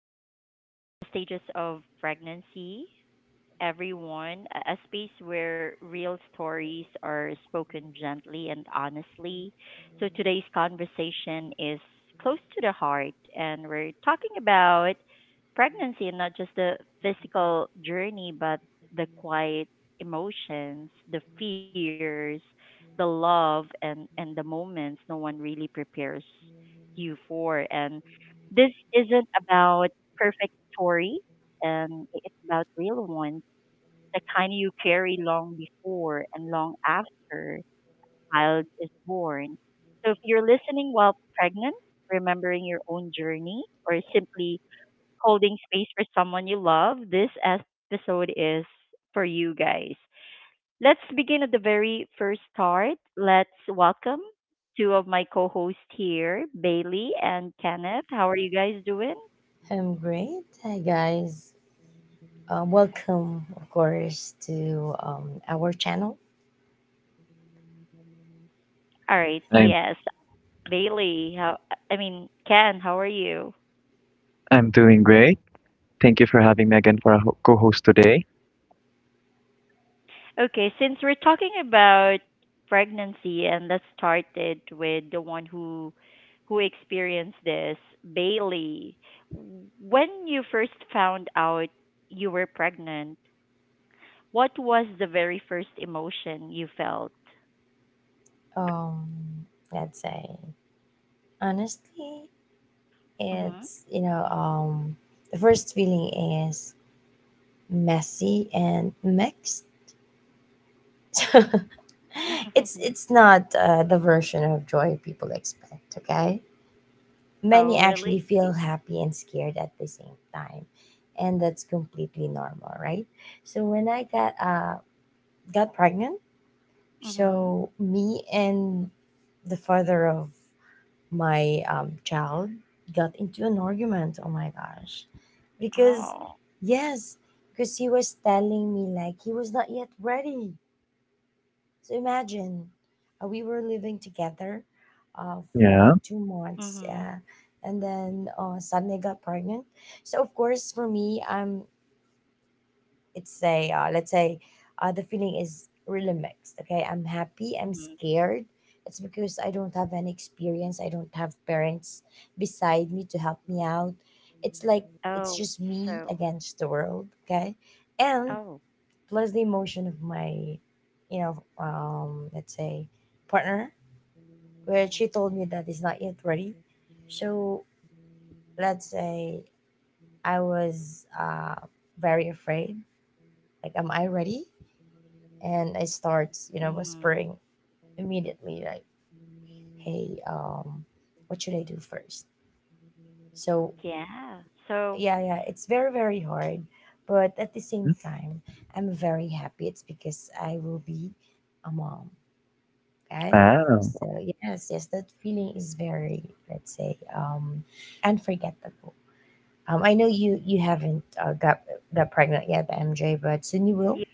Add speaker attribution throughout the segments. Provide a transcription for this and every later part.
Speaker 1: to the stages of pregnancy, everyone, a space where real stories are spoken gently and honestly. So today's conversation is close to the heart, and we're talking about pregnancy, and not just the physical journey, but the quiet emotions, the fears, the love, and the moments no one really prepares you for. And this isn't about perfect story, and it's about real ones, the kind you carry long before and long after a child is born. So if you're listening while pregnant, remembering your own journey, or simply holding space for someone you love, this episode is for you guys. Let's begin at the very first start. Let's welcome two of my co hosts here, Bailey and Kenneth. How are you guys doing?
Speaker 2: I'm great. Hi, guys. Welcome, of course, to our channel.
Speaker 1: All right.
Speaker 3: I'm
Speaker 1: Yes. Bailey, how I mean, Ken, how are you?
Speaker 3: I'm doing great. Thank you for having me again for a co-host today.
Speaker 1: Okay, since we're talking about pregnancy, and let's start it with the one who experienced this, Bailey. When you first found out you were pregnant, what was the very first emotion you felt?
Speaker 2: Um, let's say, honestly,
Speaker 1: Mhm.
Speaker 2: it's, you know, um, the first feeling is messy and mixed. it's it's not the version of joy people expect, okay?
Speaker 1: Oh,
Speaker 2: Many
Speaker 1: really?
Speaker 2: actually feel happy and scared at the same time, and that's completely normal, right? So when I got pregnant, so
Speaker 1: Mhm.
Speaker 2: me and the father of my child got into an argument. Oh my gosh, because
Speaker 1: Oh.
Speaker 2: yes, because he was telling me like he was not yet ready. So imagine, we were living together,
Speaker 3: Yeah.
Speaker 2: for 2 months,
Speaker 1: Mhm.
Speaker 2: yeah, and then suddenly I got pregnant. So of course for me, I'm it's a let's say the feeling is really mixed, okay? I'm happy,
Speaker 1: Mhm.
Speaker 2: I'm scared. It's because I don't have any experience, I don't have parents beside me to help me out. It's like
Speaker 1: Oh,
Speaker 2: it's just me
Speaker 1: so
Speaker 2: against the world, okay? And
Speaker 1: oh.
Speaker 2: plus the emotion of my let's say partner, where she told me that it's not yet ready. So let's say I was very afraid, like am I ready, and I start, you know,
Speaker 1: Mhm.
Speaker 2: whispering immediately, like, "Hey, what should I do first?" So
Speaker 1: Yeah. So,
Speaker 2: yeah, yeah, it's very, very hard, but at the same
Speaker 3: Mm.
Speaker 2: time, I'm very happy. It's because I will be a mom, okay?
Speaker 3: Wow.
Speaker 2: So yes, yes, that feeling is very, let's say, unforgettable. I know you haven't got pregnant yet, MJ, but soon you will.
Speaker 1: yes.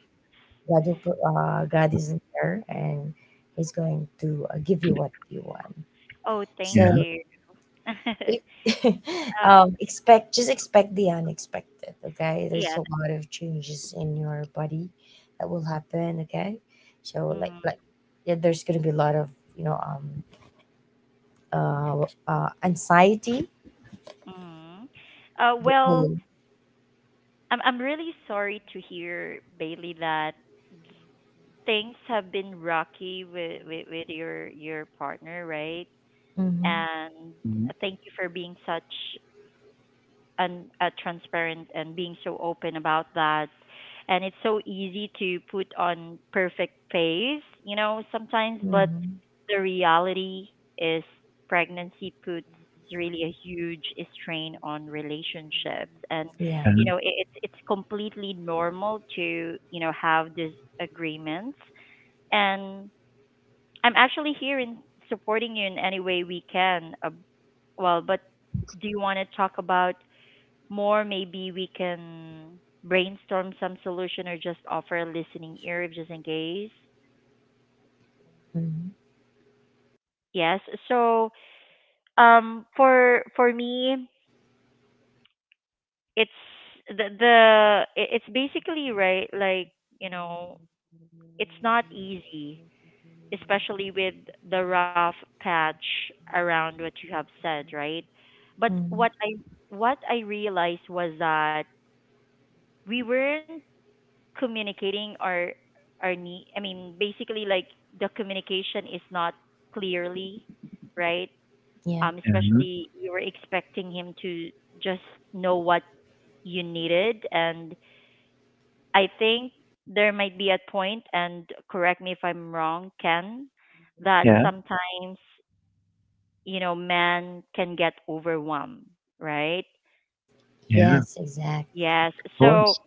Speaker 2: God will God is there and He's going to give you what you want.
Speaker 1: Oh, thank
Speaker 2: So
Speaker 3: Yeah.
Speaker 1: you.
Speaker 2: it,
Speaker 1: Uh,
Speaker 2: expect just expect the unexpected. Okay, there's
Speaker 1: yeah.
Speaker 2: a lot of changes in your body that will happen. Okay, so like
Speaker 1: Mm,
Speaker 2: like yeah, there's gonna be a lot of you know um uh, anxiety.
Speaker 1: mm.
Speaker 2: The
Speaker 1: Well,
Speaker 2: whole.
Speaker 1: I'm really sorry to hear, Bailey, that things have been rocky with, your partner, right?
Speaker 2: Mm-hmm.
Speaker 1: And
Speaker 3: Mm.
Speaker 1: thank you for being such and transparent, and being so open about that. And it's so easy to put on perfect face, you know, sometimes, but
Speaker 2: Mm-hmm,
Speaker 1: the reality is pregnancy puts really a huge strain on relationships, and
Speaker 2: yeah.
Speaker 3: Yeah.
Speaker 1: you know it's completely normal to, you know, have disagreements, and I'm actually here in supporting you in any way we can, well, but do you want to talk about more? Maybe we can brainstorm some solution or just offer a listening ear, just in case.
Speaker 2: Mm-hmm,
Speaker 1: Yes. So, for me, it's basically right. Like, you know, it's not easy, especially with the rough patch around what you have said, right? But
Speaker 2: mm-hmm,
Speaker 1: what I realized was that we weren't communicating our need. I mean, basically, like, the communication is not clearly, right?
Speaker 2: yeah.
Speaker 1: Especially, you were expecting him to just know what you needed, and I think there might be a point, and correct me if I'm wrong, Ken, that
Speaker 3: Yeah. Yeah.
Speaker 1: sometimes, you know, men can get overwhelmed, right?
Speaker 3: Yeah. Of
Speaker 2: Yes, exactly.
Speaker 1: Yes. So,
Speaker 3: course.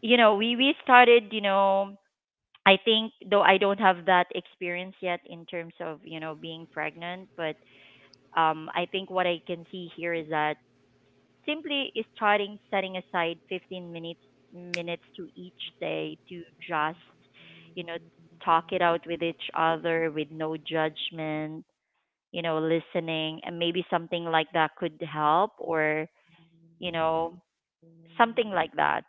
Speaker 1: you know, we started, you know, I think, though I don't have that experience yet in terms of, you know, being pregnant, but I think what I can see here is that simply is starting setting aside 15 minutes to each day to just, you know, talk it out with each other with no judgment, you know, listening, and maybe something like that could help, or, you know, something like that,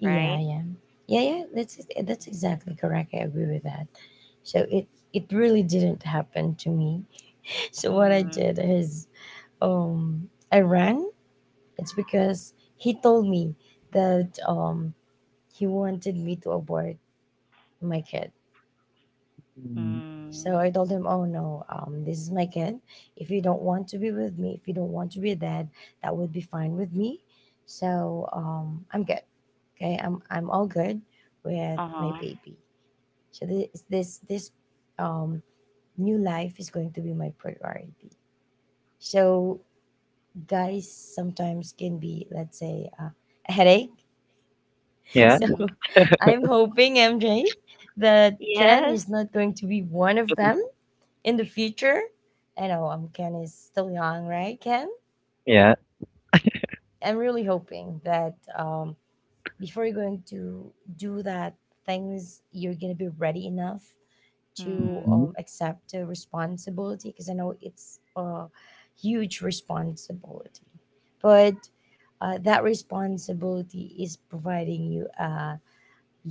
Speaker 1: right?
Speaker 2: yeah, yeah, yeah. That's exactly correct. I agree with that. So it really didn't happen to me. So what I
Speaker 1: Mhm.
Speaker 2: did is, I ran. It's because he told me that he wanted me to abort my kid.
Speaker 3: Mm.
Speaker 1: Mm.
Speaker 2: So I told him, "Oh no, this is my kid. If you don't want to be with me, if you don't want to be a dad, that would be fine with me. So I'm good. Okay, I'm all good with my
Speaker 1: Uh-huh.
Speaker 2: baby." So this um new life is going to be my priority. So guys sometimes can be, let's say, a headache.
Speaker 3: Yeah.
Speaker 2: So
Speaker 1: Mm.
Speaker 2: I'm hoping MJ that Ken
Speaker 1: Yes.
Speaker 2: is not going to be one of them in the future. I know Ken is still young, right? Ken,
Speaker 3: Yeah.
Speaker 2: I'm really hoping that before you're going to do that things, you're going to be ready enough to
Speaker 1: Mm.
Speaker 3: Mhm.
Speaker 2: accept the responsibility, because I know it's a huge responsibility. But that responsibility is providing you a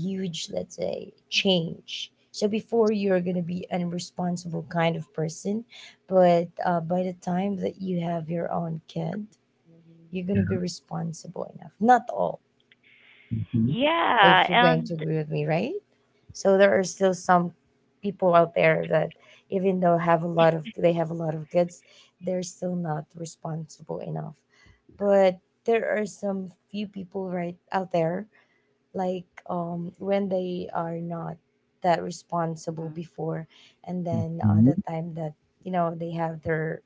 Speaker 2: huge, let's say, change. So before you're going to be an irresponsible kind of person, but by the time that you have your own kid, you're going to
Speaker 3: Yeah.
Speaker 2: be responsible enough, not all,
Speaker 3: Mhm.
Speaker 1: Yeah,
Speaker 2: if you're going to
Speaker 1: and
Speaker 2: agree with me, right? So there are still some people out there that, even though have a lot of they have a lot of kids, they're still not responsible enough. But there are some few people right out there, like when they are not that responsible
Speaker 1: mm.
Speaker 2: before, and then
Speaker 3: Mhm.
Speaker 2: the time that, you know, they have their,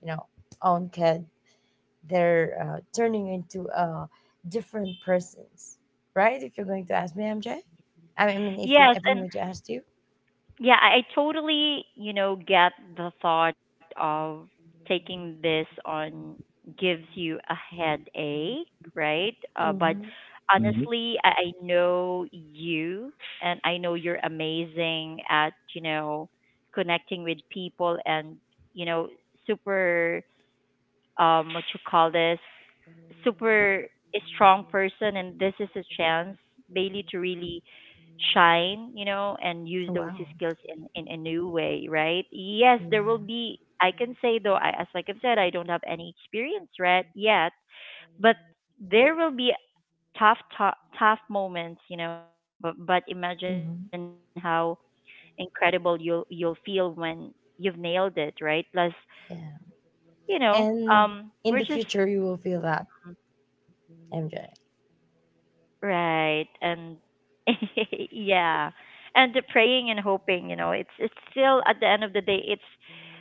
Speaker 2: you know, own kids, they're turning into different persons, right? If you're going to ask me, MJ,
Speaker 1: Yes,
Speaker 2: if I'm
Speaker 1: and
Speaker 2: going to ask you,
Speaker 1: yeah, I totally, you know, get the thought of taking this on gives you a headache, right? But
Speaker 2: hmm
Speaker 3: Mhm.
Speaker 1: honestly, I know you, and I know you're amazing at, you know, connecting with people, and, you know, super, what you call this, super strong person, and this is a chance, Bailey, to really shine, you know, and use those
Speaker 2: wow,
Speaker 1: skills in a new way, right? Yes, there will
Speaker 2: yeah,
Speaker 1: be, I can say, though I, as like I've said, I don't have any experience right yet, but there will be tough, tough, tough moments, you know, but imagine how
Speaker 2: hmm
Speaker 1: incredible you'll feel when you've nailed it, right? Plus,
Speaker 2: yeah,
Speaker 1: you know, we're
Speaker 2: and
Speaker 1: just
Speaker 2: in the future you will feel that, MJ.
Speaker 1: right. And yeah. And the praying and hoping, you know, it's still at the end of the day, it's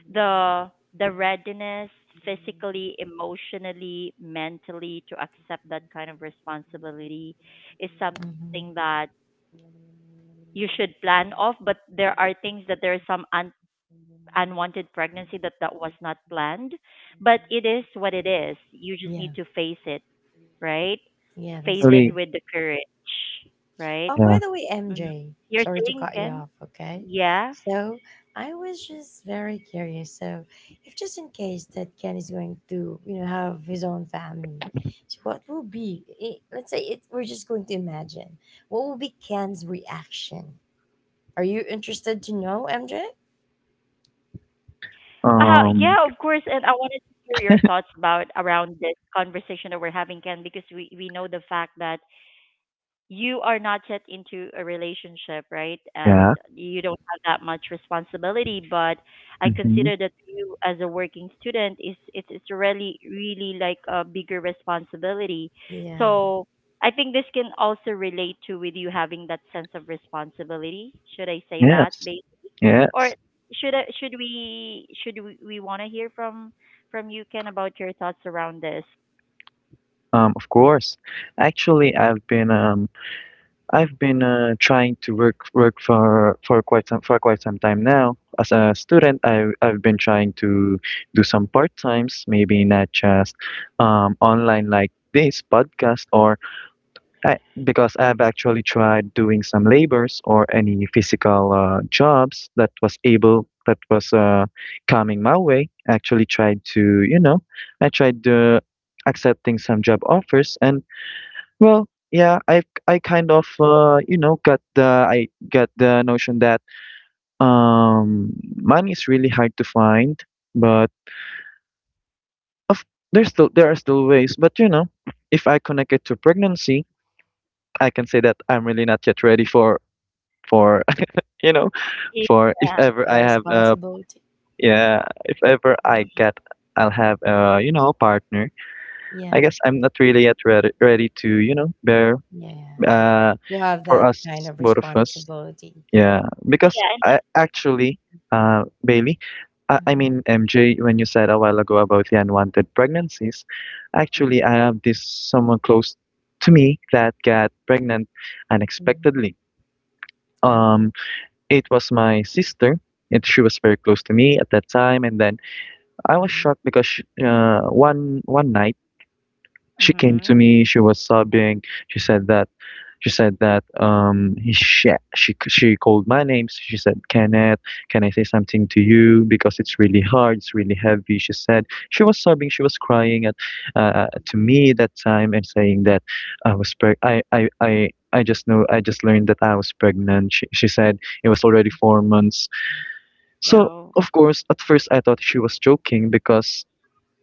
Speaker 1: the the readiness, physically, emotionally, mentally, to accept that kind of responsibility is something
Speaker 2: Hmm.
Speaker 1: that you should plan of, but there are things, that there is some unwanted pregnancy that was not planned, but it is what it is. You just
Speaker 2: Yeah,
Speaker 1: need to face it, right?
Speaker 2: yeah, that's
Speaker 1: Face
Speaker 3: Really.
Speaker 1: it
Speaker 2: correct.
Speaker 1: with the courage, right?
Speaker 2: By
Speaker 3: Yeah.
Speaker 2: the way,
Speaker 1: Mhm.
Speaker 2: MJ, sorry
Speaker 1: You're
Speaker 2: to cut
Speaker 1: saying,
Speaker 2: you off,
Speaker 1: Ken?
Speaker 2: okay?
Speaker 1: Yeah.
Speaker 2: So I was just very curious. So if, just in case that Ken is going to, you know, have his own family, so what will be, let's say it, we're just going to imagine, what will be Ken's reaction? Are you interested to know, MJ?
Speaker 1: Yeah, of
Speaker 3: Um.
Speaker 1: course. And I wanted to hear your thoughts about around this conversation that we're having, Ken, because we know the fact that you are not yet into a relationship, right? And
Speaker 3: Yeah.
Speaker 1: you don't have that much responsibility, but I
Speaker 3: Hmm.
Speaker 1: consider that you as a working student is, it's really really like a bigger responsibility.
Speaker 2: Yeah,
Speaker 1: So I think this can also relate to with you having that sense of responsibility. Should I say that?
Speaker 3: Yes.
Speaker 1: Based, or
Speaker 3: Yes.
Speaker 1: should I, should we want to hear from you, Ken, about your thoughts around this?
Speaker 3: Of course. Actually, I've been I've been trying to work for quite some time now. As a student, I've been trying to do some part times, maybe not just online like this podcast, or I, because I've actually tried doing some labors or any physical jobs that was able that was coming my way. Actually, tried to I tried accepting some job offers and well, yeah, I kind of got the I got the notion that um money is really hard to find, but of there's still there are still ways. But you know, if I connect it to pregnancy, I can say that I'm really not yet ready for for you know for if
Speaker 1: Yeah,
Speaker 3: ever
Speaker 2: a
Speaker 3: I have a
Speaker 2: responsibility.
Speaker 3: yeah if ever I get I'll have a partner. I
Speaker 2: Yeah,
Speaker 3: guess I'm not really yet ready ready to bear
Speaker 2: yeah.
Speaker 3: uh
Speaker 2: You have
Speaker 3: for
Speaker 2: that
Speaker 3: us
Speaker 2: kind of
Speaker 3: both of us.
Speaker 2: responsibility.
Speaker 3: Yeah, because I
Speaker 1: yeah,
Speaker 3: actually, Bailey, I
Speaker 2: Hmm.
Speaker 3: mean MJ, when you said a while ago about the unwanted pregnancies, actually
Speaker 1: and,
Speaker 3: I have this someone close to me that got pregnant
Speaker 2: Hmm.
Speaker 3: unexpectedly.
Speaker 2: Oh,
Speaker 3: Um, it was my sister, and she was very close to me at that time, and then I was
Speaker 2: mhm.
Speaker 3: shocked because one night she came
Speaker 1: mm-hmm.
Speaker 3: to me, she was sobbing, she said that. She said that she called my name. So She said, "Kenneth, can I say something to you? Because it's really hard. It's really heavy." She said she was sobbing. She was crying at to me that time and saying that I was preg I I I I just know I just learned that I was pregnant. She said it was already four months. So
Speaker 1: So
Speaker 3: of course, at first I thought she was joking because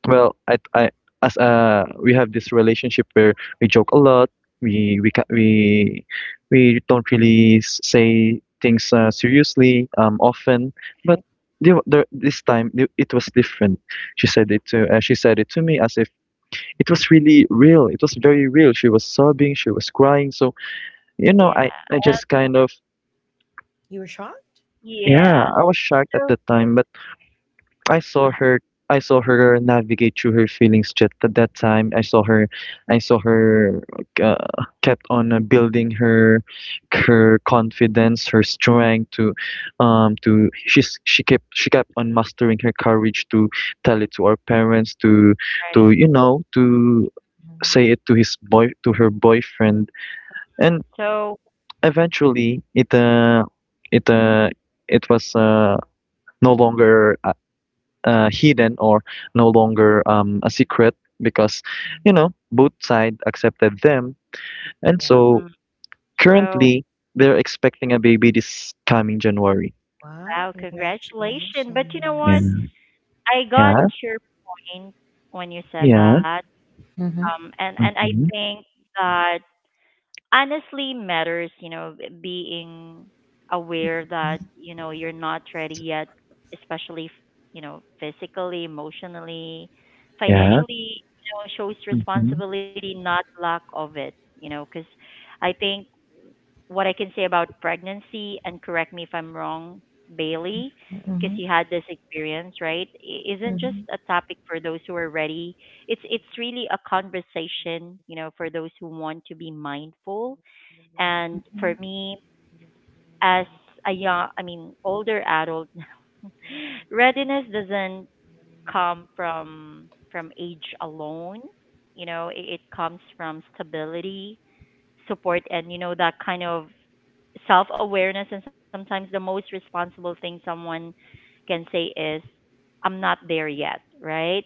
Speaker 3: well, I as we have this relationship where we joke a lot. We ca- we don't really say things seriously often. But this time it was different. She said it to me as if it was really real. It was very real. She was sobbing. She was crying. So you know,
Speaker 1: yeah,
Speaker 3: I just kind of
Speaker 2: You were shocked?
Speaker 3: yeah
Speaker 1: yes.
Speaker 3: I was shocked at
Speaker 1: So
Speaker 3: the time, but I saw
Speaker 1: uh
Speaker 3: her. I saw her navigate through her feelings just at that time. I saw
Speaker 1: mm,
Speaker 3: her kept on building her her confidence, her strength to she kept on mastering her courage to tell it to our parents, to
Speaker 1: right.
Speaker 3: to you know to
Speaker 2: Mhm.
Speaker 3: say it to his boy to her boyfriend, and
Speaker 1: So
Speaker 3: eventually it uh it was no longer a, hidden or no longer a secret because you
Speaker 2: Mhm.
Speaker 3: know both side accepted them, and
Speaker 2: Yep.
Speaker 3: so
Speaker 1: mm, so
Speaker 3: currently they're expecting a baby this coming January.
Speaker 2: Wow,
Speaker 1: wow, congratulations. But you know
Speaker 3: Yeah.
Speaker 1: what?
Speaker 2: congratulations.
Speaker 1: I got
Speaker 3: Yeah.
Speaker 1: your point when you said
Speaker 3: Yeah.
Speaker 1: that.
Speaker 2: Mm-hmm.
Speaker 1: And I
Speaker 3: Mm-hmm.
Speaker 1: think that honestly matters, you know, being aware
Speaker 2: Mm-hmm.
Speaker 1: that, you know, you're not ready yet, especially, you know, physically, emotionally,
Speaker 3: Yeah.
Speaker 1: financially, you know, shows
Speaker 3: Mm-hmm.
Speaker 1: responsibility, not lack of it, you know, because I think what I can say about pregnancy, and correct me if I'm wrong, Bailey,
Speaker 2: Mm-hmm.
Speaker 1: because you had this experience, right? I- isn't just
Speaker 2: Mm-hmm.
Speaker 1: a topic for those who are ready, it's really a conversation, you know, for those who want to be mindful, and for me, as a young, I mean, older adult, readiness doesn't come from age alone. You know, it comes from stability, support, and, you know, that kind of self awareness. And sometimes the most responsible thing someone can say is, "I'm not there yet," right?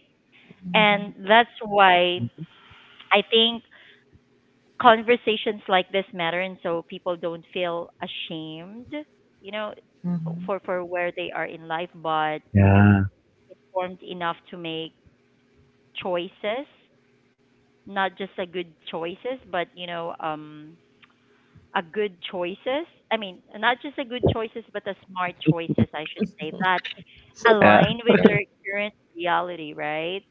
Speaker 2: Mm-hmm.
Speaker 1: And that's why I think conversations like this matter, and so people don't feel ashamed, you know, for
Speaker 2: Mm-hmm.
Speaker 1: where they are in life, but
Speaker 3: Yeah.
Speaker 1: informed enough to make choices, not just a good choices, but, you know, a good choices. I mean, not just a good choices, but a smart choices, I should say, that
Speaker 3: Yeah.
Speaker 1: align with
Speaker 2: Great.
Speaker 1: their current reality, right?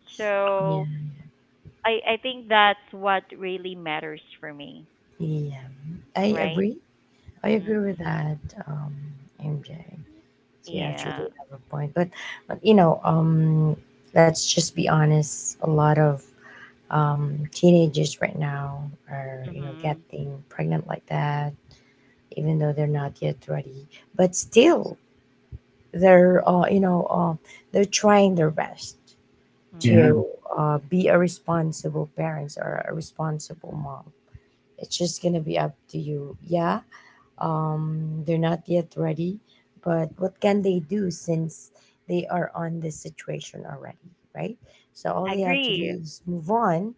Speaker 2: Yeah.
Speaker 1: So I think that's what really matters for me,
Speaker 2: Yeah. I
Speaker 1: right?
Speaker 2: agree. I agree
Speaker 1: Mm,
Speaker 2: with that, um, MJ. You actually do
Speaker 1: yeah.
Speaker 2: have a point, but you know, let's just be honest. A lot of um, teenagers right now are, you know,
Speaker 1: Mm-hmm.
Speaker 2: getting pregnant like that, even though they're not yet ready. But still, they're they're trying their best
Speaker 3: Yeah.
Speaker 2: to
Speaker 1: Mm,
Speaker 2: be a responsible parents or a responsible mom. It's just gonna be up to you. Yeah, um, they're not yet ready. But what can they do, since they are on this situation already, right? So all they have to do
Speaker 1: agree.
Speaker 2: is move on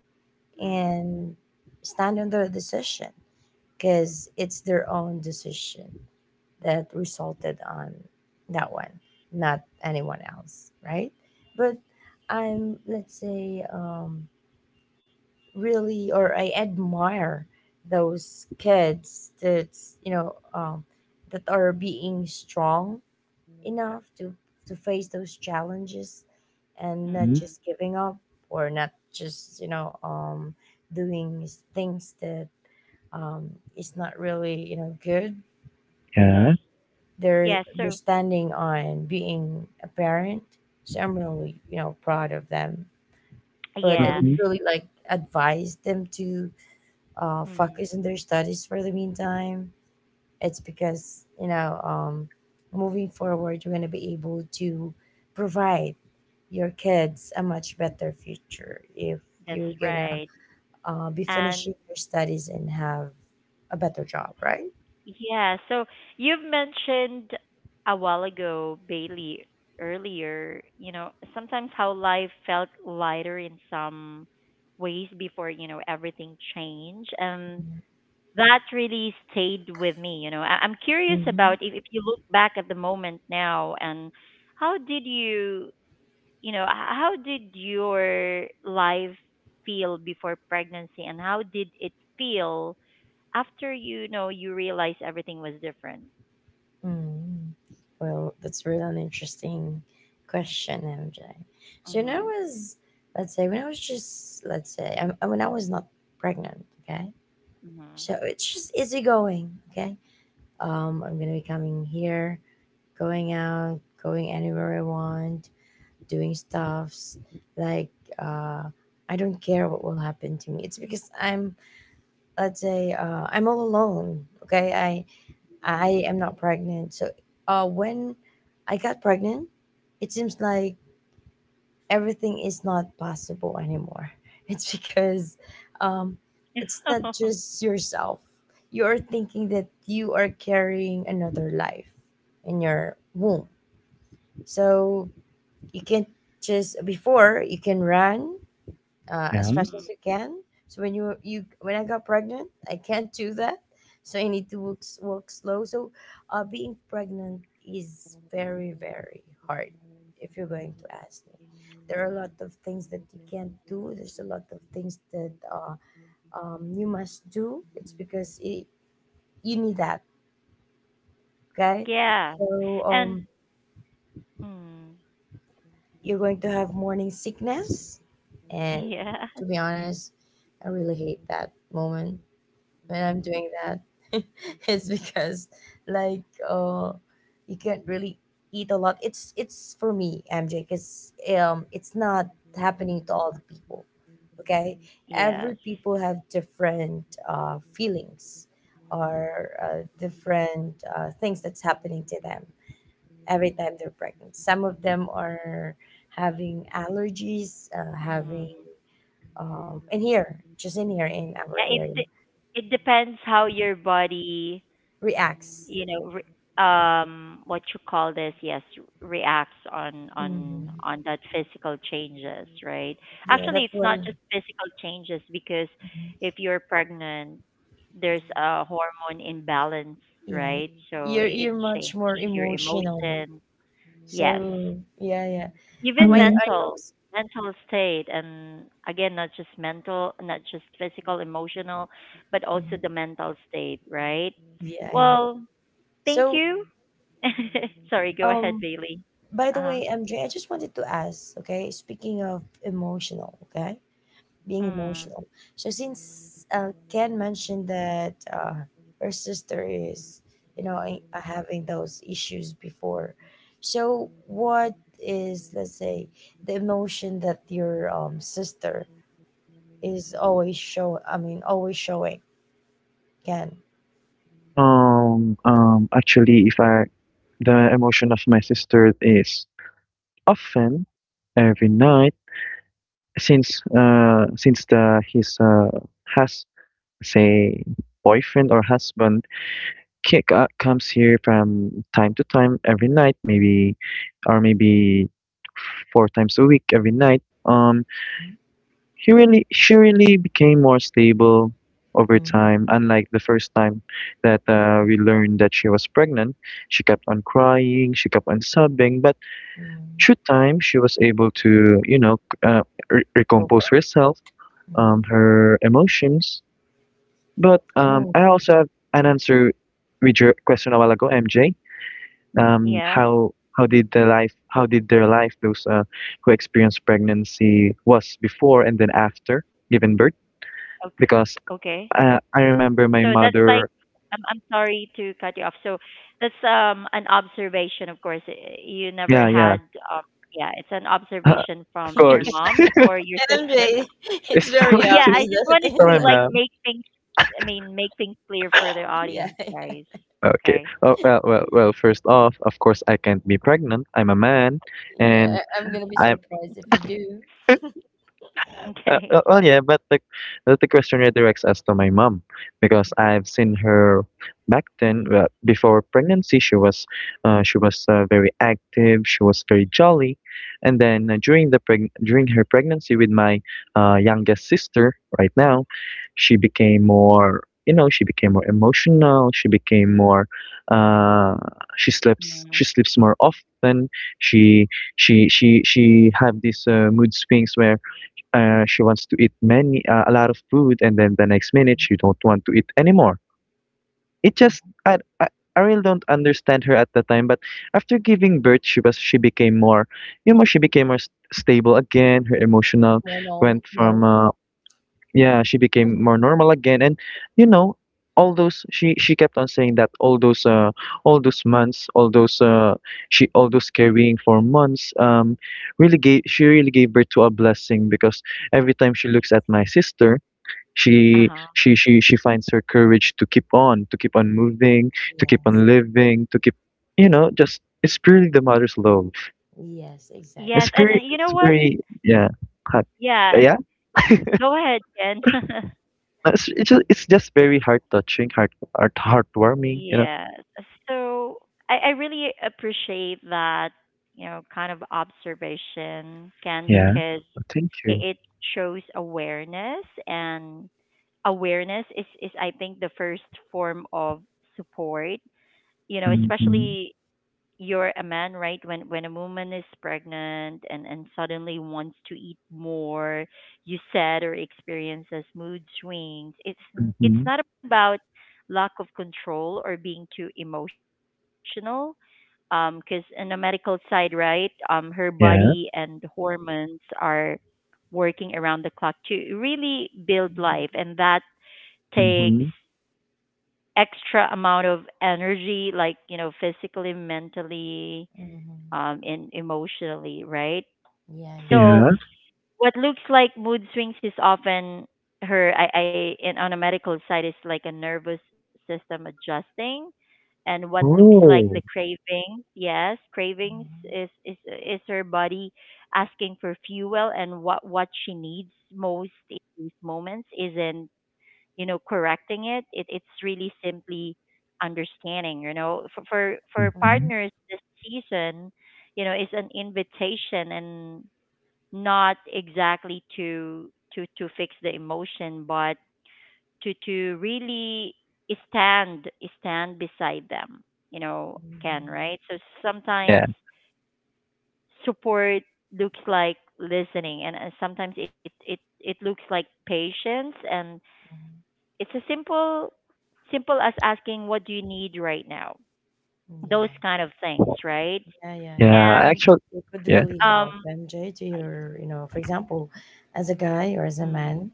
Speaker 1: Mm,
Speaker 2: and stand on their decision, because it's their own decision that resulted on that one, not anyone else, right? But I'm, let's say, really or I admire those kids that's, you know, that are being strong enough to face those challenges and not
Speaker 3: Mhm.
Speaker 1: mm,
Speaker 2: just giving up or not just, you know, doing things that, um, is not really, you know, good.
Speaker 3: Yeah.
Speaker 1: okay.
Speaker 2: they're
Speaker 1: Yeah,
Speaker 2: they're
Speaker 1: so
Speaker 2: standing on being a parent, so I'm really, you know, proud of them. But I
Speaker 1: yeah,
Speaker 2: would
Speaker 3: Mm-hmm.
Speaker 2: really like advise them to focus
Speaker 1: mm,
Speaker 2: on their studies for the meantime. It's because, you know, moving forward, you're going to be able to provide your kids a much better future if
Speaker 1: that's
Speaker 2: you're going to
Speaker 1: right.
Speaker 2: be
Speaker 1: And
Speaker 2: finishing your studies and have a better job, right?
Speaker 1: yeah, so you've mentioned a while ago, Bailey, earlier, you know, sometimes how life felt lighter in some ways before, you know, everything changed. And that really stayed with me, you know. I'm curious
Speaker 2: Mm-hmm.
Speaker 1: about, if, you look back at the moment now, and how did you how did your life feel before pregnancy, and how did it feel after you know you realized everything was different?
Speaker 2: Mm. Well, that's really an interesting question, MJ. So when I
Speaker 1: Mm.
Speaker 2: was, let's say, when I was not pregnant, okay,
Speaker 1: Mhm.
Speaker 2: so it's just easygoing. Okay. I'm gonna be coming here, going out, going anywhere I want, doing stuffs. Like uh, I don't care what will happen to me. It's because I'm, let's say, I'm all alone. Okay.
Speaker 1: Mhm. Mhm.
Speaker 2: I am not pregnant. So when I got pregnant, it seems like everything is not possible anymore. It's because, um, it's not just yourself. You're thinking that you are carrying another life in your womb. So you can't just, before, you can run as
Speaker 3: Yeah.
Speaker 2: fast as
Speaker 1: Mm.
Speaker 2: you can. So when you when I got pregnant, I can't do that. So I need to walk slow. So being pregnant is very very hard. If you're going to ask me, there are a lot of things that you can't do. There's a lot of things that you must do. It's because it, you need that. Okay,
Speaker 1: Yeah.
Speaker 2: so
Speaker 1: And
Speaker 2: um,
Speaker 1: mm,
Speaker 2: you're going to have morning sickness, and
Speaker 1: yeah.
Speaker 2: to be honest, I really hate that moment when I'm doing that is because like uh you can't really eat a lot. It's for me, MJ, because it's not happening to all the people. Okay? Every
Speaker 1: Yes.
Speaker 2: people have different feelings or different things that's happening to them every time they're pregnant. Some of them are having allergies,
Speaker 1: Mm.
Speaker 2: having
Speaker 1: Mhm.
Speaker 2: in here, just in here in our
Speaker 1: Yeah, it
Speaker 2: area,
Speaker 1: depends how your body,
Speaker 2: reacts.
Speaker 1: you know, what you call this, yes, reacts
Speaker 2: Mhm.
Speaker 1: on that physical changes, right?
Speaker 2: Yeah,
Speaker 1: Actually,
Speaker 2: that's
Speaker 1: it's not
Speaker 2: why.
Speaker 1: just physical changes, because
Speaker 2: Mhm.
Speaker 1: if you're pregnant, there's a hormone imbalance,
Speaker 2: Yeah,
Speaker 1: right? So it
Speaker 2: you're much
Speaker 1: changes
Speaker 2: more
Speaker 1: your
Speaker 2: emotional.
Speaker 1: emotion, yes,
Speaker 2: So yeah, yeah.
Speaker 1: even
Speaker 3: You
Speaker 2: I also,
Speaker 1: mental state, and again, not just mental, not just physical, emotional, but also
Speaker 2: mhm,
Speaker 1: the mental state, right?
Speaker 2: yeah, yeah.
Speaker 1: Well, thank
Speaker 2: So
Speaker 1: you. Sorry, go ahead,
Speaker 2: um,
Speaker 1: Bailey.
Speaker 2: by the
Speaker 1: Uh-huh.
Speaker 2: way, MJ, I just wanted to ask. Okay, speaking of emotional, okay, being
Speaker 1: Mm.
Speaker 2: emotional. So since Ken mentioned that her sister is, you know, having those issues before, so what is, let's say, the emotion that your sister is always show? I mean, always showing, Ken.
Speaker 3: know, actually, if I, the emotion of my sister is often every night. Since the his has say boyfriend or husband comes here from time to time every night, maybe or maybe four times a week every night. um he really. She really became more stable over
Speaker 2: Mm-hmm.
Speaker 3: time, unlike the first time that we learned that she was pregnant. She kept on crying, she kept on sobbing, but through time she was able to you know recompose herself her emotions. But
Speaker 2: Oh,
Speaker 3: I also have an answer with your question a while ago, MJ. Um,
Speaker 1: Yeah.
Speaker 3: how how did their life those who experienced pregnancy was before and then after giving birth?
Speaker 1: Okay. Okay.
Speaker 3: Because I
Speaker 1: So that's
Speaker 3: remember my
Speaker 1: like,
Speaker 3: mother.
Speaker 1: I'm sorry to cut you off. So that's, an observation, of course. You never
Speaker 3: Yeah,
Speaker 1: had,
Speaker 3: yeah.
Speaker 1: um yeah, it's an observation from
Speaker 3: Of
Speaker 1: your mom
Speaker 3: course,
Speaker 1: or your sister.
Speaker 2: MJ, it's
Speaker 3: it's from
Speaker 2: very
Speaker 3: my
Speaker 1: Yeah, I
Speaker 2: obvious
Speaker 3: sister,
Speaker 1: just wanted
Speaker 2: that it
Speaker 1: to
Speaker 2: is.
Speaker 3: my
Speaker 1: like
Speaker 2: Not-
Speaker 1: make
Speaker 3: mom.
Speaker 1: things, I mean, make things clear for the audience,
Speaker 2: Yeah.
Speaker 1: guys. Okay.
Speaker 3: Okay. Oh, well, well, well. First off, of course, I can't be pregnant. I'm a man,
Speaker 2: Yeah,
Speaker 3: and
Speaker 2: I'm gonna be
Speaker 3: I.
Speaker 2: surprised if you do.
Speaker 1: Okay.
Speaker 3: Well, yeah, but the question redirects us to my mom because I've seen her back then. Well, before pregnancy, she was very active. She was very jolly, and then during the preg during her pregnancy with my youngest sister, right now, she became more. You know, she became more emotional. She became more. Uh, she
Speaker 1: Mm.
Speaker 3: sleeps. She sleeps more often. She she have these mood swings where she wants to eat many a lot of food, and then the next minute she don't want to eat anymore. It just
Speaker 2: Yeah.
Speaker 3: I really don't understand her at the time, but after giving birth she was. She became more. You know, she became more stable again. Her emotional
Speaker 2: More
Speaker 3: went from
Speaker 2: normal.
Speaker 3: yeah, she became more normal again, and you know all those. She kept on saying that all those months, all those she all those carrying for months really gave. She really gave birth to a blessing because every time she looks at my sister,
Speaker 1: Uh-huh.
Speaker 3: she finds her courage to keep on, to keep on moving, to keep
Speaker 2: Yes.
Speaker 3: on living, to keep you know. Just it's purely the mother's love.
Speaker 2: Yes,
Speaker 1: Yes,
Speaker 3: It's
Speaker 2: exactly.
Speaker 1: and
Speaker 2: That's.
Speaker 3: very,
Speaker 1: you know
Speaker 3: it's
Speaker 1: what?
Speaker 3: very, yeah, hot-
Speaker 1: Yeah,
Speaker 3: yeah.
Speaker 1: go ahead, Jen.
Speaker 3: It's just very heart touching, heartwarming, you know.
Speaker 1: Yes. So I really appreciate that, you know, kind of observation, Ken,
Speaker 3: Yeah.
Speaker 1: because
Speaker 3: Thank
Speaker 1: it,
Speaker 3: you.
Speaker 1: it shows awareness, and awareness is I think the first form of support, you know,
Speaker 3: Mm-hmm.
Speaker 1: especially you're a man, right? When a woman is pregnant, and suddenly wants to eat more, you said, or experiences mood swings. It's n-
Speaker 3: Mm-hmm.
Speaker 1: it's not about lack of control or being too emotional, because in the medical side, right, her body
Speaker 3: Yeah.
Speaker 1: and hormones are working around the clock to really build life,
Speaker 2: Mhm.
Speaker 1: and that takes
Speaker 3: Mm-hmm.
Speaker 1: extra amount of energy, like, you know, physically, mentally,
Speaker 2: Hmm.
Speaker 1: and emotionally, right?
Speaker 2: Yeah, yeah.
Speaker 1: So,
Speaker 3: Yeah.
Speaker 1: what looks like mood swings is often, her I in on a medical side, is like a nervous system adjusting, and what looks like the
Speaker 3: Oh.
Speaker 1: cravings, yes, cravings,
Speaker 2: Mhm,
Speaker 1: is, her body asking for fuel, and what she needs most in these moments isn't, you know, correcting It's really simply understanding, you know, for,
Speaker 3: Mm-hmm.
Speaker 2: mhm,
Speaker 1: partners, this season, you know, is an invitation, and not exactly to fix the emotion, but to, really stand stand beside them, you know, can,
Speaker 2: mhm,
Speaker 1: right? So
Speaker 3: Yeah.
Speaker 1: sometimes support looks like listening, and sometimes it looks like patience, and
Speaker 2: mhm.
Speaker 1: it's a simple as asking, what do you need right now? Those
Speaker 2: Yeah,
Speaker 1: kind of things, right?
Speaker 2: yeah, yeah, yeah.
Speaker 3: Yeah.
Speaker 1: And
Speaker 3: Actually.
Speaker 2: It would
Speaker 3: Yeah.
Speaker 2: really
Speaker 1: um
Speaker 2: help MJ to
Speaker 1: I-
Speaker 2: your, you know, for example, as a guy or as a
Speaker 1: mm,
Speaker 2: man,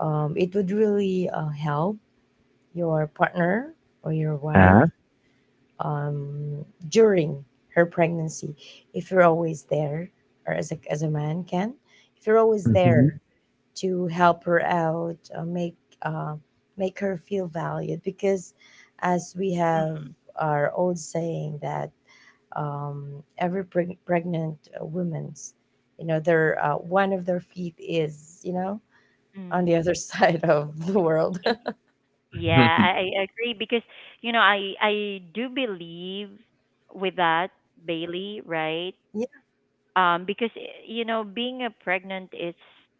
Speaker 2: it would really help your partner or your wife
Speaker 3: Yeah.
Speaker 1: mm,
Speaker 2: um, during her pregnancy if you're always there, or as a man can, if you're always
Speaker 3: Mm-hmm.
Speaker 2: there to help her out, uh, make her feel valued because, as we have
Speaker 1: mhm,
Speaker 2: our old saying that, um, every pregnant woman's, you know, their one of their feet is, you know, on the
Speaker 1: mm.
Speaker 2: other side of the world.
Speaker 1: Yeah, I agree because you know I do believe with that, Bailey, right?
Speaker 2: Yeah,
Speaker 1: You know, being a pregnant is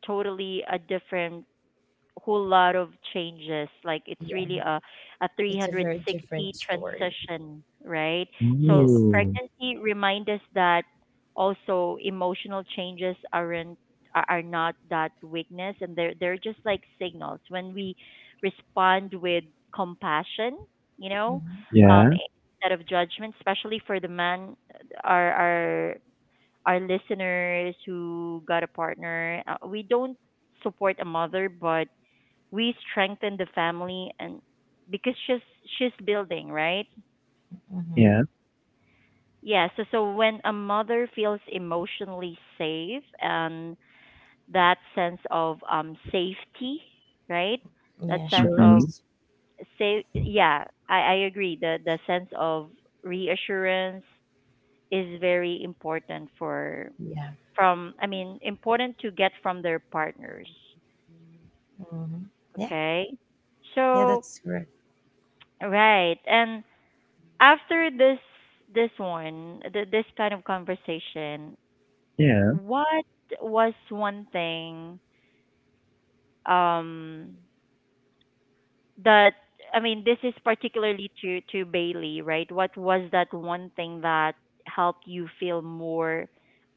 Speaker 1: totally a different whole lot of changes. Like it's really
Speaker 2: yeah,
Speaker 1: a
Speaker 2: it's a very different
Speaker 1: 360
Speaker 2: story.
Speaker 1: transition, right? So
Speaker 2: Yes.
Speaker 3: Ooh.
Speaker 1: pregnancy remind us that also emotional changes aren't are not that weakness, and they're just like signals when we respond with compassion, you know,
Speaker 2: Mm-hmm.
Speaker 3: Yeah.
Speaker 1: instead of judgment, especially for the man, our our listeners who got a partner. We don't support a mother, but we strengthen the family, and because she's building, right?
Speaker 2: Mm-hmm.
Speaker 3: Yeah.
Speaker 1: Yeah, so so when a mother feels emotionally safe, and that sense of safety, right? That
Speaker 2: Yeah,
Speaker 1: sense of
Speaker 3: Mm-hmm.
Speaker 2: assurance.
Speaker 1: safe, yeah. I agree, the sense of reassurance is very important for,
Speaker 2: Yeah.
Speaker 1: from I mean important to get from their partners.
Speaker 2: Mm-hmm. Yeah,
Speaker 1: Okay,
Speaker 2: yeah,
Speaker 1: so
Speaker 2: that's correct.
Speaker 1: right, and after this, this kind of conversation,
Speaker 3: Yeah.
Speaker 1: what was one thing, um that, I mean, this is particularly to Bailey, right? What was that one thing that helped you feel more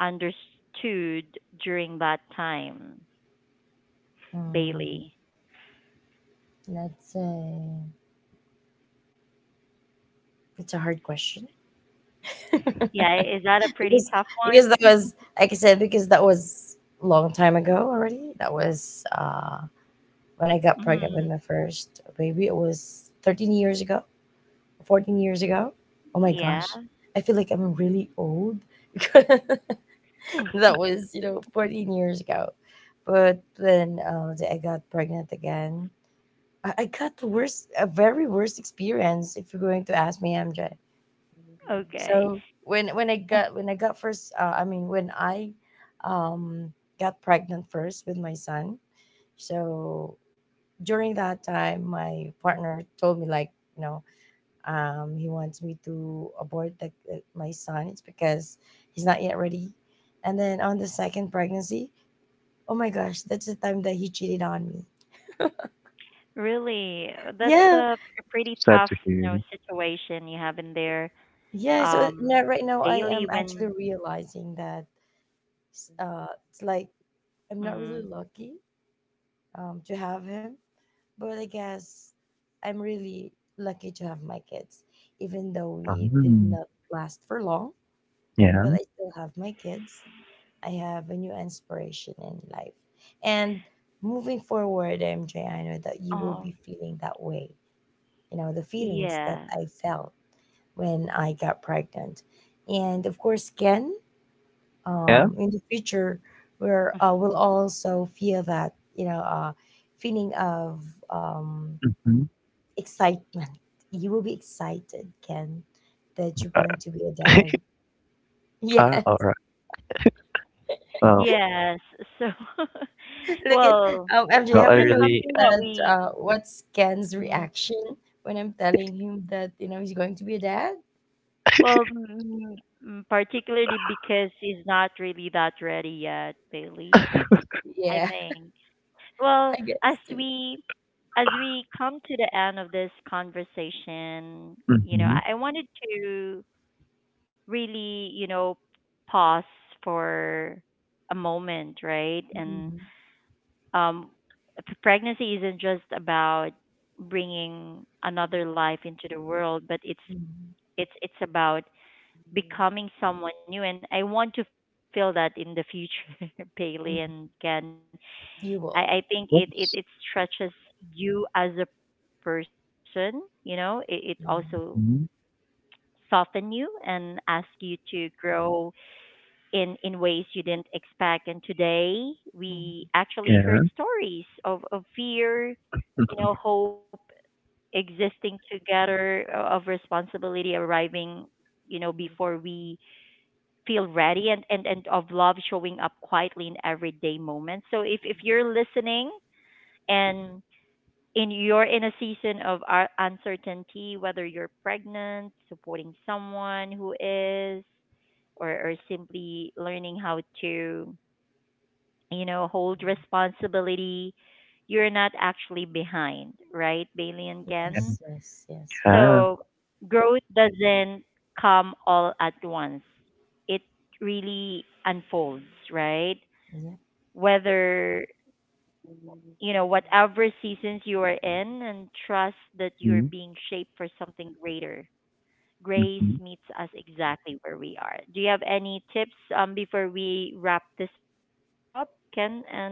Speaker 1: understood during that time,
Speaker 2: um,
Speaker 1: Bailey?
Speaker 2: let's say it's a hard question.
Speaker 1: Yeah, is that a pretty
Speaker 2: because
Speaker 1: tough
Speaker 2: because
Speaker 1: one?
Speaker 2: that was, like I said, because that was long time ago already. That was when I got pregnant with
Speaker 1: Mm,
Speaker 2: my first baby. It was 13 years ago, 14 years ago. Oh my
Speaker 1: yeah.
Speaker 2: gosh, I feel like I'm really old. That was 14 years ago, but then I got pregnant again. I got the worst, a very worst experience. If you're going to ask me, MJ,
Speaker 1: Okay.
Speaker 2: so when I got first, I mean when I um, got pregnant first with my son. So during that time, my partner told me like you know he wants me to abort my son. It's because he's not yet ready. And then on the second pregnancy, oh my gosh, that's the time that he cheated on me.
Speaker 1: Really, that's
Speaker 2: Yeah,
Speaker 1: a pretty
Speaker 3: Sad
Speaker 1: tough,
Speaker 3: to
Speaker 1: you
Speaker 3: hear.
Speaker 1: know, situation you have in there,
Speaker 2: yeah. So
Speaker 1: um,
Speaker 2: now, right now, I
Speaker 1: daily
Speaker 2: am actually
Speaker 1: when,
Speaker 2: realizing that it's like I'm not really
Speaker 1: mm,
Speaker 2: lucky to have him. But I guess I'm really lucky to have my kids, even though we did
Speaker 3: Um,
Speaker 2: not last for long.
Speaker 3: yeah.
Speaker 2: But I still have my kids. I have a new inspiration in life. And moving forward, MJ, I know that you will
Speaker 1: oh,
Speaker 2: be feeling that way. You know, the feelings
Speaker 1: yeah,
Speaker 2: that I felt when I got pregnant. And of course, Ken,
Speaker 3: Yeah.
Speaker 2: in the future where will also feel that feeling of um,
Speaker 3: Mm-hmm.
Speaker 2: excitement. You will be excited, Ken, that you're
Speaker 3: Uh,
Speaker 2: going to be a dad.
Speaker 3: ah.
Speaker 2: Yeah,
Speaker 3: All right. Well.
Speaker 1: yes. So,
Speaker 2: look at,
Speaker 1: well,
Speaker 2: MJ,
Speaker 3: Well.
Speaker 2: have
Speaker 3: I
Speaker 2: you
Speaker 1: that's
Speaker 2: noticed
Speaker 3: really.
Speaker 1: something that
Speaker 2: that
Speaker 1: we,
Speaker 2: what's Ken's
Speaker 1: mm,
Speaker 2: reaction when I'm telling him that you know he's going to be a dad?
Speaker 1: well, mm, mm, particularly because he's not really that ready yet, Bailey. I
Speaker 2: Yeah.
Speaker 1: think. Well,
Speaker 2: I
Speaker 1: as
Speaker 2: guess too.
Speaker 1: we as we come to the end of this conversation, you know,
Speaker 3: Mm-hmm.
Speaker 1: I wanted to really, you know, pause for a moment, right? And
Speaker 2: Mhm,
Speaker 1: um, pregnancy isn't just about bringing another life into the world, but it's
Speaker 2: mhm,
Speaker 1: it's it's about becoming someone new. And I want to feel that in the future, Bailey and
Speaker 2: mhm.
Speaker 1: Ken. I
Speaker 2: You
Speaker 1: think
Speaker 2: will.
Speaker 1: it it
Speaker 3: Yes.
Speaker 1: stretches you as a person. You know, it also
Speaker 2: Mhm,
Speaker 3: Mm-hmm.
Speaker 1: soften you and ask you to grow in ways you didn't expect. And today
Speaker 2: mhm.
Speaker 1: we actually
Speaker 3: Yeah.
Speaker 1: heard stories of fear, you know, hope existing together, of responsibility arriving, you know, before we feel ready, and of love showing up quietly in everyday moments. So if you're listening, and in you're in a season of uncertainty, whether you're pregnant, supporting someone who is, or simply learning how to, you know, hold responsibility, you're not actually behind, right, Bailey and
Speaker 2: Yes,
Speaker 1: Ken?
Speaker 2: yes, yes.
Speaker 1: So growth doesn't come all at once, it really unfolds, right?
Speaker 2: Yeah.
Speaker 1: Whether, you know, whatever seasons you are in, and trust that you're
Speaker 3: Yeah.
Speaker 1: being shaped for something greater. Grace meets us exactly where we are. Do you have any tips, before we wrap this up, Ken and Bailey?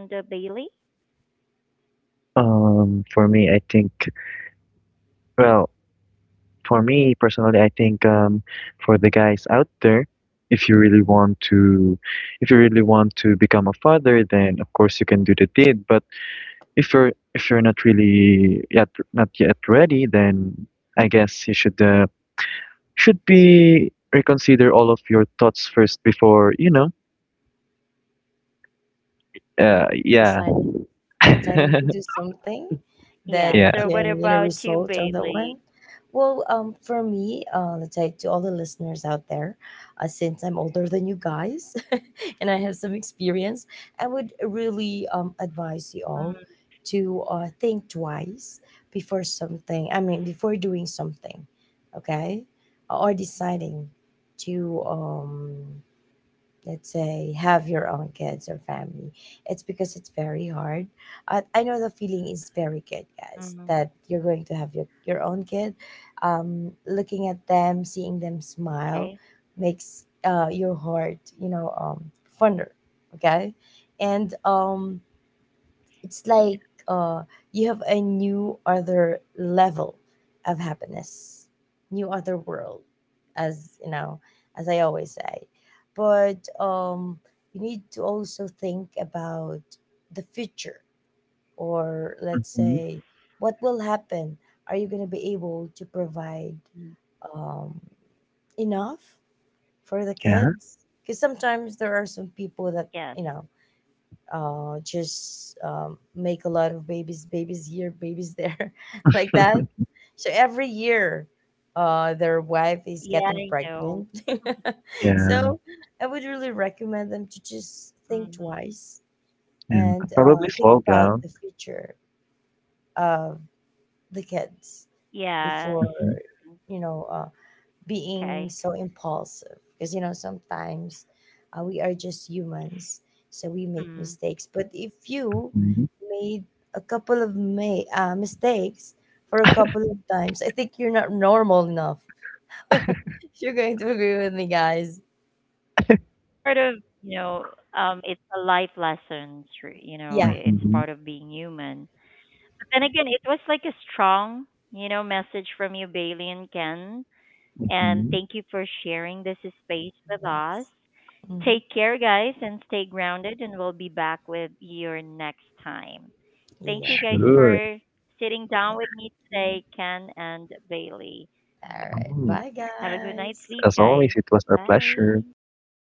Speaker 3: For me, I think, well, for me personally, I think for the guys out there, if you really
Speaker 2: Mm-hmm.
Speaker 3: want to, if you really want to become a father, then of course you can do the deed. But if you're not yet ready, then I guess you
Speaker 1: Mm.
Speaker 3: should be reconsider all of your thoughts first before, you know. Yeah,
Speaker 2: Deciding. So, I need to
Speaker 1: Yeah.
Speaker 2: do
Speaker 1: So what
Speaker 2: something
Speaker 1: about you,
Speaker 2: that
Speaker 1: Bailey?
Speaker 3: yeah.
Speaker 2: can, you know, result on that one. Well, for me, let's say, to all the listeners out there, since I'm older than you guys and I have some experience, I would really advise you all to think twice before something, I mean, before doing something, okay? Or deciding to, let's say, have your own kids or family. It's because it's very hard. I know the feeling is very good,
Speaker 1: Mm,
Speaker 2: guys, that you're going to have your own kid, looking at them, seeing them
Speaker 1: okay.
Speaker 2: smile, makes your heart, you know, fonder. Okay. And
Speaker 1: Yeah.
Speaker 2: it's like, uh, you have a new other level of happiness, new other world, as you know, as I always say. But, you need to also think about the future, or let's
Speaker 3: Mhm.
Speaker 2: say, what will happen? Are you going to be able to
Speaker 1: Mm.
Speaker 2: provide um, enough for the
Speaker 3: Yeah,
Speaker 2: kids? Because sometimes there are some people that
Speaker 1: Yes.
Speaker 2: you know just make a lot of babies, babies here, babies there, like that. So every year,
Speaker 1: Yeah, I know.
Speaker 2: their wife is getting pregnant.
Speaker 3: yeah,
Speaker 2: So I would really
Speaker 1: Mm.
Speaker 2: recommend them to just think twice
Speaker 3: yeah.
Speaker 2: and
Speaker 3: Probably
Speaker 2: think
Speaker 3: slow
Speaker 2: about
Speaker 3: down.
Speaker 2: the future of the
Speaker 1: Yes.
Speaker 2: kids before, you know,
Speaker 1: Okay.
Speaker 2: being so impulsive, because you know sometimes we are just humans,
Speaker 1: Mm.
Speaker 2: so we make mistakes. But if you
Speaker 3: Mhm.
Speaker 2: made a couple of mistakes for a couple of times, I think you're not normal enough. You're going to agree with me, guys.
Speaker 1: Right. That's part of, you know, it's a life lesson, you know,
Speaker 2: Yeah,
Speaker 1: it's
Speaker 3: Mhm,
Speaker 1: part of being human. But then again, it was like a strong, you know, message from you, Bailey and Ken. And
Speaker 3: mhm.
Speaker 1: thank you for sharing this space with
Speaker 2: yes.
Speaker 1: us.
Speaker 2: Hmm.
Speaker 1: Take care, guys, and stay grounded, and we'll be back with you next time. Thank you
Speaker 2: Yeah.
Speaker 1: guys
Speaker 3: Sure.
Speaker 1: for sitting down with
Speaker 2: Yeah.
Speaker 1: me today, Ken and Bailey.
Speaker 2: All right,
Speaker 3: Mm.
Speaker 2: bye,
Speaker 1: Have a good
Speaker 2: guys.
Speaker 3: As
Speaker 1: night's sleep,
Speaker 3: always, it was
Speaker 1: guys.
Speaker 3: our pleasure.
Speaker 1: Bye.
Speaker 3: Bye.